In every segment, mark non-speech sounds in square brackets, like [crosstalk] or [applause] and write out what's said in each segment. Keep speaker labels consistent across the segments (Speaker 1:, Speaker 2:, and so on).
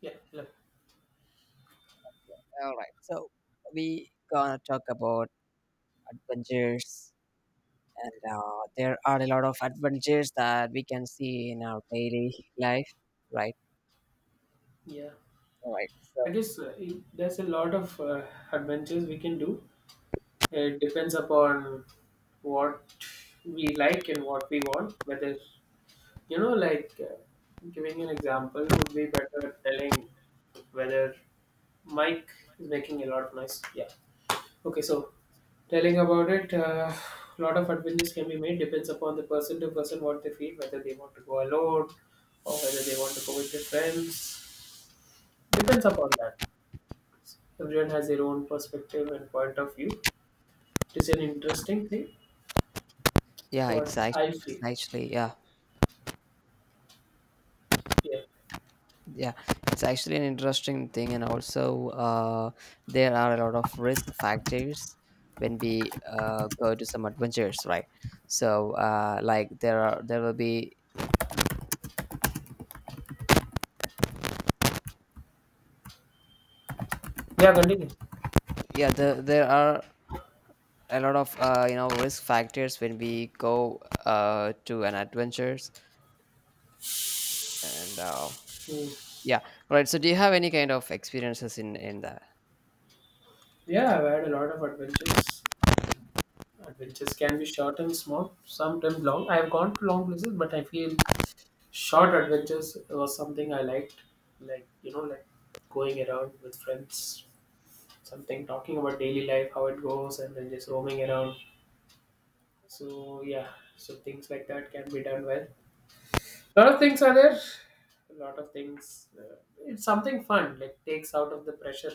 Speaker 1: Yeah, yeah,
Speaker 2: All right. So we gonna talk about adventures, and there are a lot of adventures that we can see in our daily life, right?
Speaker 1: yeah.
Speaker 2: All right.
Speaker 1: I
Speaker 2: So,
Speaker 1: guess there's a lot of adventures we can do. It depends upon what we like and what we want. Whether you know, like uh, giving an example would be better at telling whether Mike is making a lot of noise. Yeah. Okay, so telling about it, a lot of adventures can be made. Depends upon the person to person what they feel, whether they want to go alone or whether they want to go with their friends. Depends upon that. Everyone has their own perspective and point of view. It is an interesting thing. It's
Speaker 2: yeah,
Speaker 1: what I
Speaker 2: it's
Speaker 1: feel.
Speaker 2: actually yeah,
Speaker 1: Yeah.
Speaker 2: yeah, it's actually an interesting thing, and also there are a lot of risk factors when we go to some adventures, right? So like there will be,
Speaker 1: Yeah, continue.
Speaker 2: yeah, there are a lot of risk factors when we go to an adventures, and
Speaker 1: Hmm.
Speaker 2: yeah. All right, so do you have any kind of experiences in that?
Speaker 1: Yeah, I've had a lot of adventures. Adventures can be short and small, sometimes long. I've gone to long places, but I feel short adventures was something I liked. Like, going around with friends, something talking about daily life, how it goes, and then just roaming around. So, yeah, so things like that can be done well. A lot of things are there. A lot of things. It's something fun, like takes out of the pressure.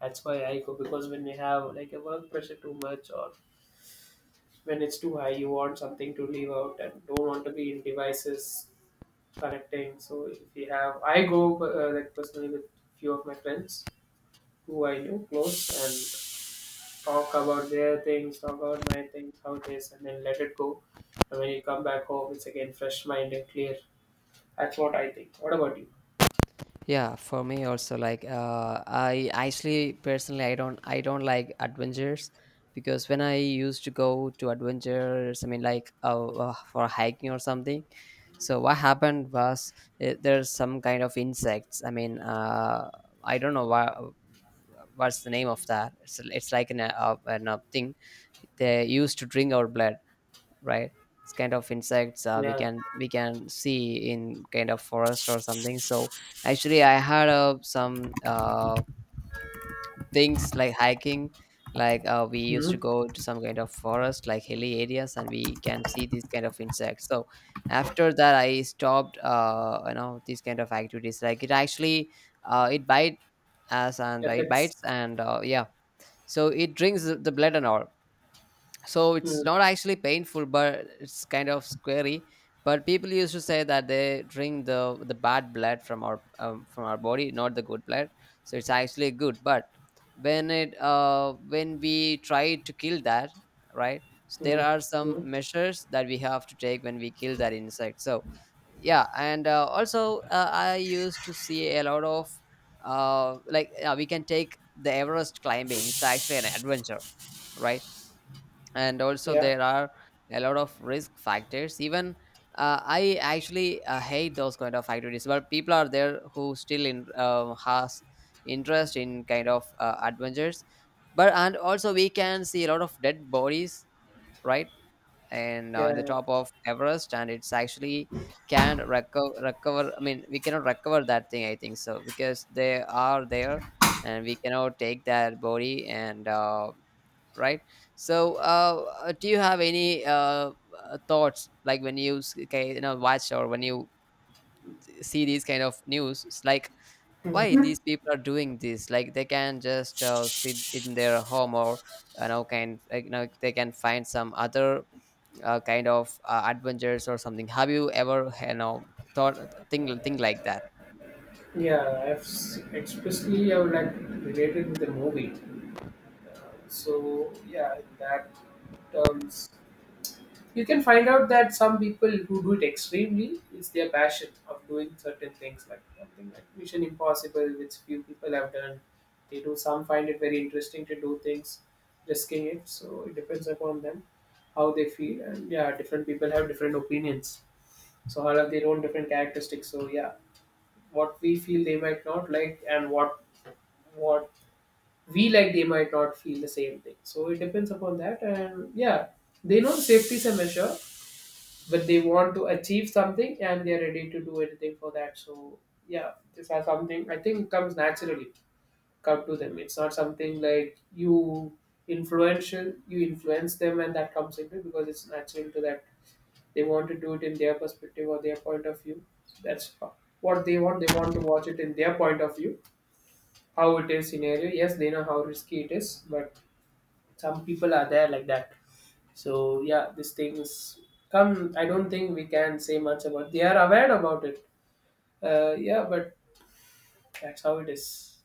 Speaker 1: That's why I go because when we have like a work pressure too much or when it's too high, you want something to leave out and don't want to be in devices connecting. So if we have, I go like personally with few of my friends who I know close and talk about their things, talk about my things, how it is, and then let it go. And when you come back home, it's again fresh mind and clear. That's what I think. What about you?
Speaker 2: Yeah, for me also, like I actually personally I don't like adventures, because when I used to go to adventures, I mean, like for hiking or something. So what happened was, there's some kind of insects. I mean, I don't know why, what's the name of that. It's like an a thing, they used to drink our blood, right? It's kind of insects, we
Speaker 1: Yeah.
Speaker 2: can see in kind of forest or something. So actually, I had some things like hiking, like we used to
Speaker 1: Hmm.
Speaker 2: go to some kind of forest, like hilly areas, and we can see these kind of insects. So after that, I stopped these kind of activities. Like, it actually it bites us, and it
Speaker 1: FX.
Speaker 2: bites, and yeah. So it drinks the blood and all. So it's not actually painful, but it's kind of scary. But people used to say that they drink the bad blood from our body, not the good blood. So it's actually good, but when we try to kill that, right? So there
Speaker 1: Mm,
Speaker 2: are some
Speaker 1: mm,
Speaker 2: measures that we have to take when we kill that insect. So, yeah, and also I used to see a lot of we can take the Everest climbing, it's actually an adventure, right? And also
Speaker 1: yeah,
Speaker 2: there are a lot of risk factors, even I actually hate those kind of activities, but people are there who still in has interest in kind of adventures. But and also we can see a lot of dead bodies, right, and on the
Speaker 1: yeah.
Speaker 2: top of Everest, and it's actually recover, I mean we cannot recover that thing, I think so, because they are there, and we cannot take that body, and right. So do you have any thoughts, like when you okay, you know, watch, or when you see these kind of news, it's like, why
Speaker 1: Mm.
Speaker 2: these people are doing this? Like they can just sit in their home, or, you know, can like, you know, they can find some other kind of adventures or something. Have you ever, you know, thought, think like that?
Speaker 1: Yeah. Especially I would like related with the movie. Uh, so yeah, in that terms, you can find out that some people who do it extremely is their passion of doing certain things, like something like Mission Impossible, which few people have done. They do some find it very interesting to do things, risking it. So it depends upon them how they feel, and yeah, different people have different opinions. So all have their own different characteristics. So yeah. What we feel they might not like, and what we like they might not feel the same thing, so it depends upon that. And yeah, they know safety is a measure, but they want to achieve something and they're ready to do anything for that. So yeah, this is something I think comes naturally, come to them. It's not something like you influential, you influence them and that comes into it, because it's natural to that they want to do it in their perspective or their point of view. That's what they want. They want to watch it in their point of view, how it is scenario. Yes, they know how risky it is, but some people are there like that. So yeah, this thing is come. I don't think we can say much about. They are aware about it. Yeah, but that's how it is.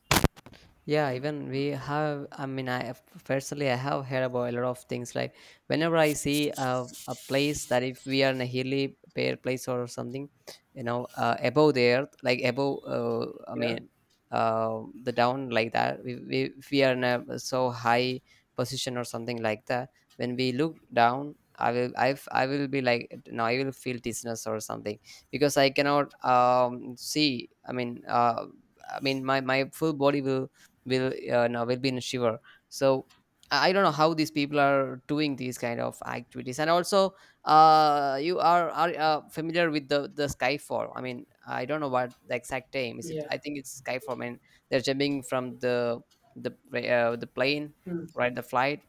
Speaker 2: Yeah, even we have. I mean, I personally I have heard about a lot of things. Like whenever I see a place, that if we are in a hilly bare place or something, you know, above the earth, like above. I
Speaker 1: Yeah,
Speaker 2: mean, the down like that. We, if we are in a so high position or something like that. When we look down, I will be like, no, I will feel dizziness or something, because I cannot see. I mean, I mean, my full body will no, will be in a shiver. So I don't know how these people are doing these kind of activities. And also, you are familiar with the skyfall. I mean, I don't know what the exact name is. It
Speaker 1: yeah.
Speaker 2: I think it's skyfall. I mean, they're jumping from the the plane,
Speaker 1: Hmm.
Speaker 2: right? The flight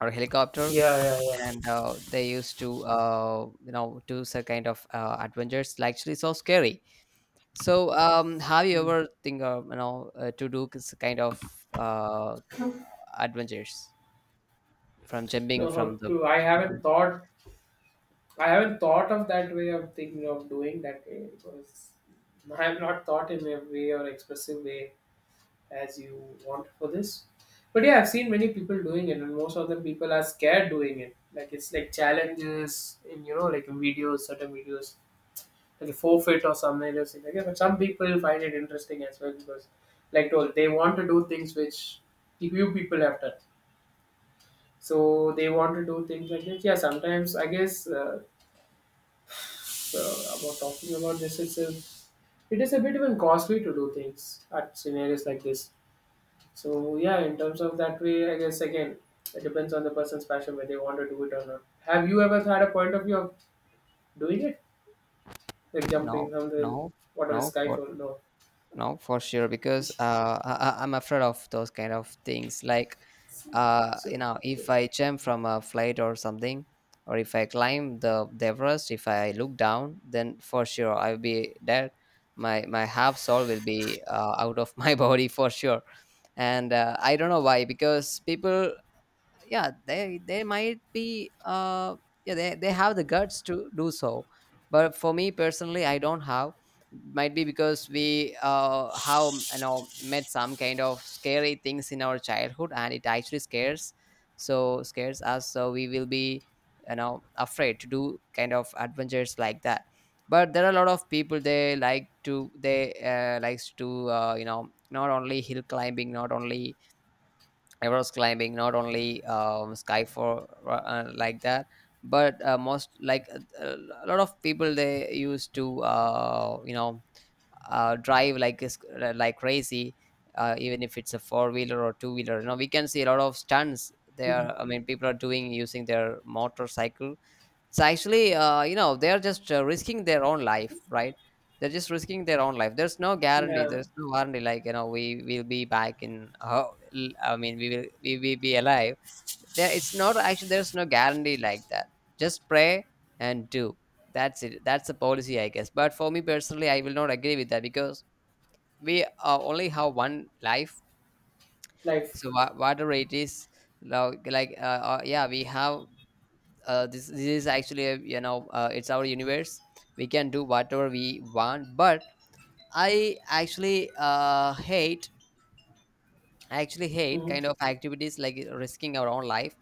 Speaker 2: or helicopter,
Speaker 1: Yeah, yeah, yeah.
Speaker 2: and they used to do some kind of adventures, like actually so scary. So have you
Speaker 1: Hmm.
Speaker 2: ever think of, you know, to do this kind of uh, adventures, from jumping
Speaker 1: No, how
Speaker 2: from the
Speaker 1: to. I haven't
Speaker 2: plane.
Speaker 1: thought. I haven't thought of that way of thinking of doing that way because I have not thought in a way or expressive way as you want for this. But yeah, I've seen many people doing it, and most of them people are scared doing it. Like it's like challenges in, you know, like in videos, certain videos, like a forfeit or something like that. But some people find it interesting as well because, like told, they want to do things which few people have done. So they want to do things like this. Yeah, sometimes I guess about talking about this itself, it is a bit even costly to do things at scenarios like this. So yeah, in terms of that way, I guess again it depends on the person's passion whether they want to do it or not. Have you ever had a point of view of doing it, like
Speaker 2: No,
Speaker 1: jumping from the
Speaker 2: no,
Speaker 1: whatever
Speaker 2: no, for
Speaker 1: skyfall? No.
Speaker 2: no, for sure. Because I'm afraid of those kind of things. Like,
Speaker 1: So,
Speaker 2: you know,
Speaker 1: so.
Speaker 2: if I jump from a flight or something, or if I climb the Everest, if I look down, then for sure I'll be dead. My half soul will be [laughs] out of my [laughs] body for sure. And I don't know why, because people, yeah, they might be yeah, they have the guts to do so, but for me personally, I don't have. Might be because we have, you know, met some kind of scary things in our childhood, and it actually scares so scares us, so we will be, you know, afraid to do kind of adventures like that. But there are a lot of people, they likes to not only hill climbing, not only I climbing, not only sky for like that, but most like a lot of people, they used to drive like like crazy, even if it's a four wheeler or two wheeler. You know, we can see a lot of stunts
Speaker 1: Mhm.
Speaker 2: there. I mean, people are doing, using their motorcycle. It's actually, they're just risking their own life, right? They're just risking their own life, there's no guarantee,
Speaker 1: Yeah,
Speaker 2: there's no guarantee, like, you know, we will be back in, I mean, we will be alive there. It's not actually, there's no guarantee like that. Just pray and do, that's it, that's the policy I guess. But for me personally, I will not agree with that, because we only have one life. So
Speaker 1: life.
Speaker 2: whatever it is, like like, uh, yeah, we have this is actually a, you know, it's our universe. We can do whatever we want, but i actually uh, hate I actually hate
Speaker 1: Mhm.
Speaker 2: kind of activities like risking our own life,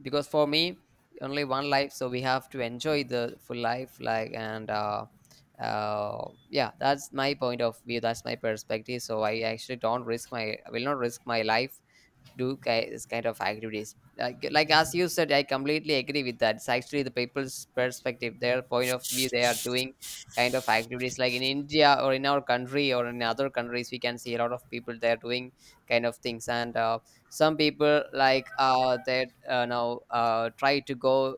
Speaker 2: because for me, only one life, so we have to enjoy the full life, like. And uh yeah, that's my point of view, that's my perspective. So I will not risk my life, do this kind of activities. Like as you said, I completely agree with that. It's actually the people's perspective, their point of view, they are doing kind of activities, like in India or in our country or in other countries, we can see a lot of people, they are doing kind of things. And some people, like they now try to go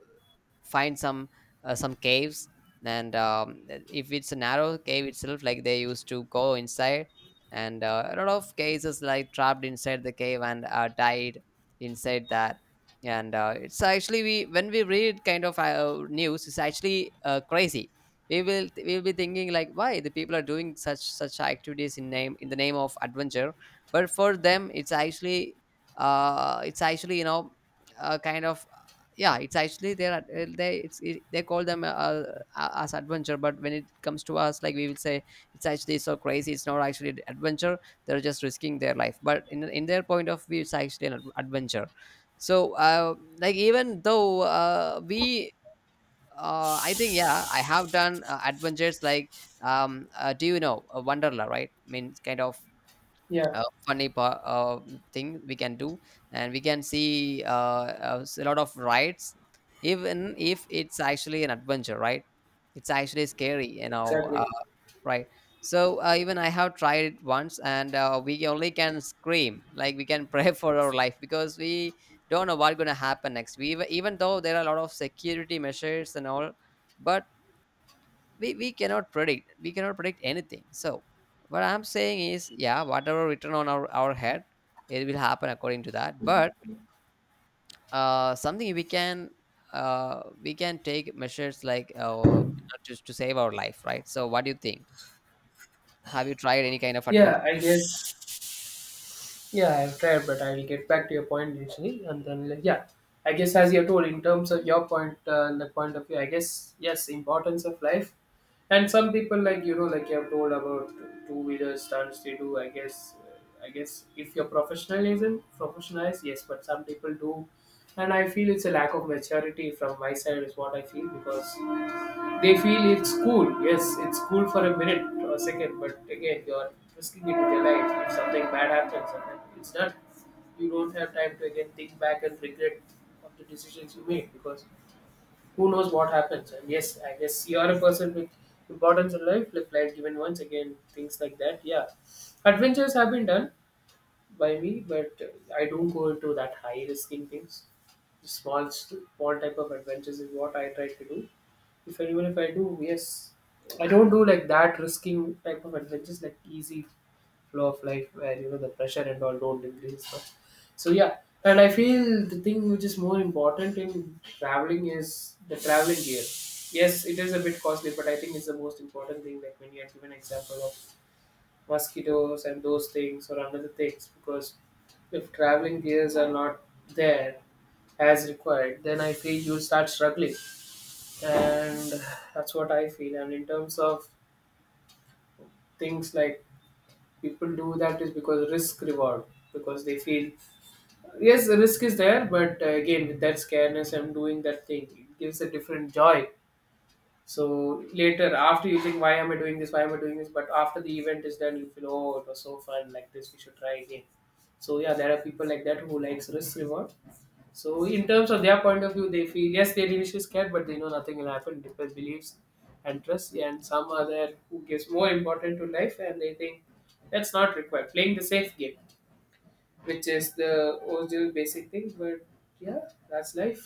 Speaker 2: find some caves, and if it's a narrow cave itself, like they used to go inside, and a lot of cases like trapped inside the cave, and died inside that. And it's actually, we when we read kind of news, it's actually crazy. We will be thinking, like, why the people are doing such activities, in name in the name of adventure. But for them, it's actually, it's actually, you know, uh, kind of yeah, it's actually, they're they it's it, they call them as adventure. But when it comes to us, like we will say, it's actually so crazy, it's not actually an adventure. They're just risking their life, but in their point of view, it's actually adventure. So like, even though we I think, yeah, I have done adventures like, do you know Wonderla, right? I mean, it's kind of
Speaker 1: Yeah,
Speaker 2: a thing we can do, and we can see a lot of rides. Even if it's actually an adventure, right? It's actually scary, you know,
Speaker 1: exactly.
Speaker 2: right? So even I have tried it once, and we only can scream, like we can pray [laughs] for our life, because we don't know what's going to happen next. We, even though there are a lot of security measures and all, but we cannot predict, we cannot predict anything. So what I'm saying is, yeah, whatever written on our head, it will happen according to that. But something we can, we can take measures like to save our life, right? So what do you think, have you tried any kind of adventure?
Speaker 1: Yeah, I guess. Yeah, I've tried, but I will get back to your point initially, and then like, yeah, I guess as you told in terms of your point, the point of view, I guess yes, importance of life. And some people, like you know, like you have told about two wheeler stunts they do. I guess if you're professional isn't professionalized, yes, but some people do. And I feel it's a lack of maturity from my side is what I feel, because they feel it's cool. Yes, it's cool for a minute or a second, but again you're risking it with your life. If something bad happens, and then it's done. You don't have time to again think back and regret of the decisions you made, because who knows what happens. And yes, I guess you are a person with importance in life, live life given once again, things like that. Yeah, adventures have been done by me, but I don't go into that high risking things. Small, small type of adventures is what I try to do. If anyone, if I do, yes, I don't do like that risking type of adventures, like easy flow of life where you know the pressure and all don't increase much. So yeah, and I feel the thing which is more important in traveling is the traveling gear. Yes, it is a bit costly, but I think it's the most important thing. Like when you had given example of mosquitoes and those things or another things, because if traveling gears are not there as required, then I feel you start struggling, and that's what I feel. And in terms of things like people do, that is because risk reward, because they feel yes the risk is there, but again with that scareness I'm doing that thing, it gives a different joy. So later after you think, why am I doing this, why am I doing this, but after the event is done you feel, oh it was so fun, like this we should try again. So yeah, there are people like that who likes risk reward. So in terms of their point of view they feel yes, they're initially scared but they know nothing will happen, different beliefs and trust. And some are there who gives more important to life and they think that's not required, playing the safe game, which is the original basic thing. But yeah, that's life.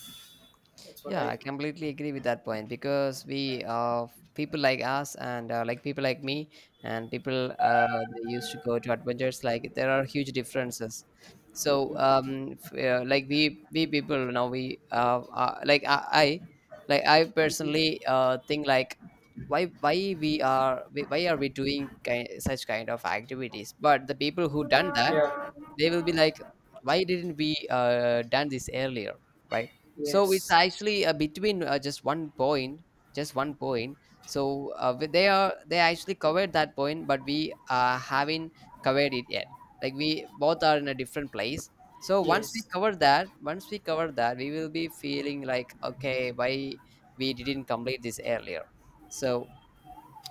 Speaker 1: That's what
Speaker 2: Yeah,
Speaker 1: I
Speaker 2: I
Speaker 1: feel.
Speaker 2: completely agree with that point, because we people like us, and like people like me, and people, they used to go to adventures, like there are huge differences. So
Speaker 1: Mm.
Speaker 2: like we people now, we like I like I personally think, like why we are, why are we doing such kind of activities? But the people who done that,
Speaker 1: Yeah.
Speaker 2: they will be like, why didn't we done this earlier, right? So it's
Speaker 1: Yes.
Speaker 2: actually between just one point, just one point. So they are, they actually covered that point, but we haven't covered it yet. Like we both are in a different place. So once we
Speaker 1: Yes.
Speaker 2: cover that, once we cover that, we will be feeling like, okay, why we didn't complete this earlier. So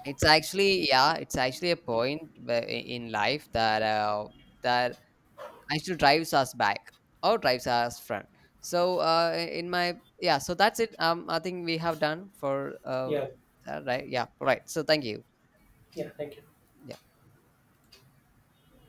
Speaker 2: it's actually, yeah, it's actually a point in life that that actually drives us back, or drives us front. So in my, yeah, so that's it. I think we have done for
Speaker 1: Yeah.
Speaker 2: right, yeah, right, so thank you.
Speaker 1: Yeah. Thank you.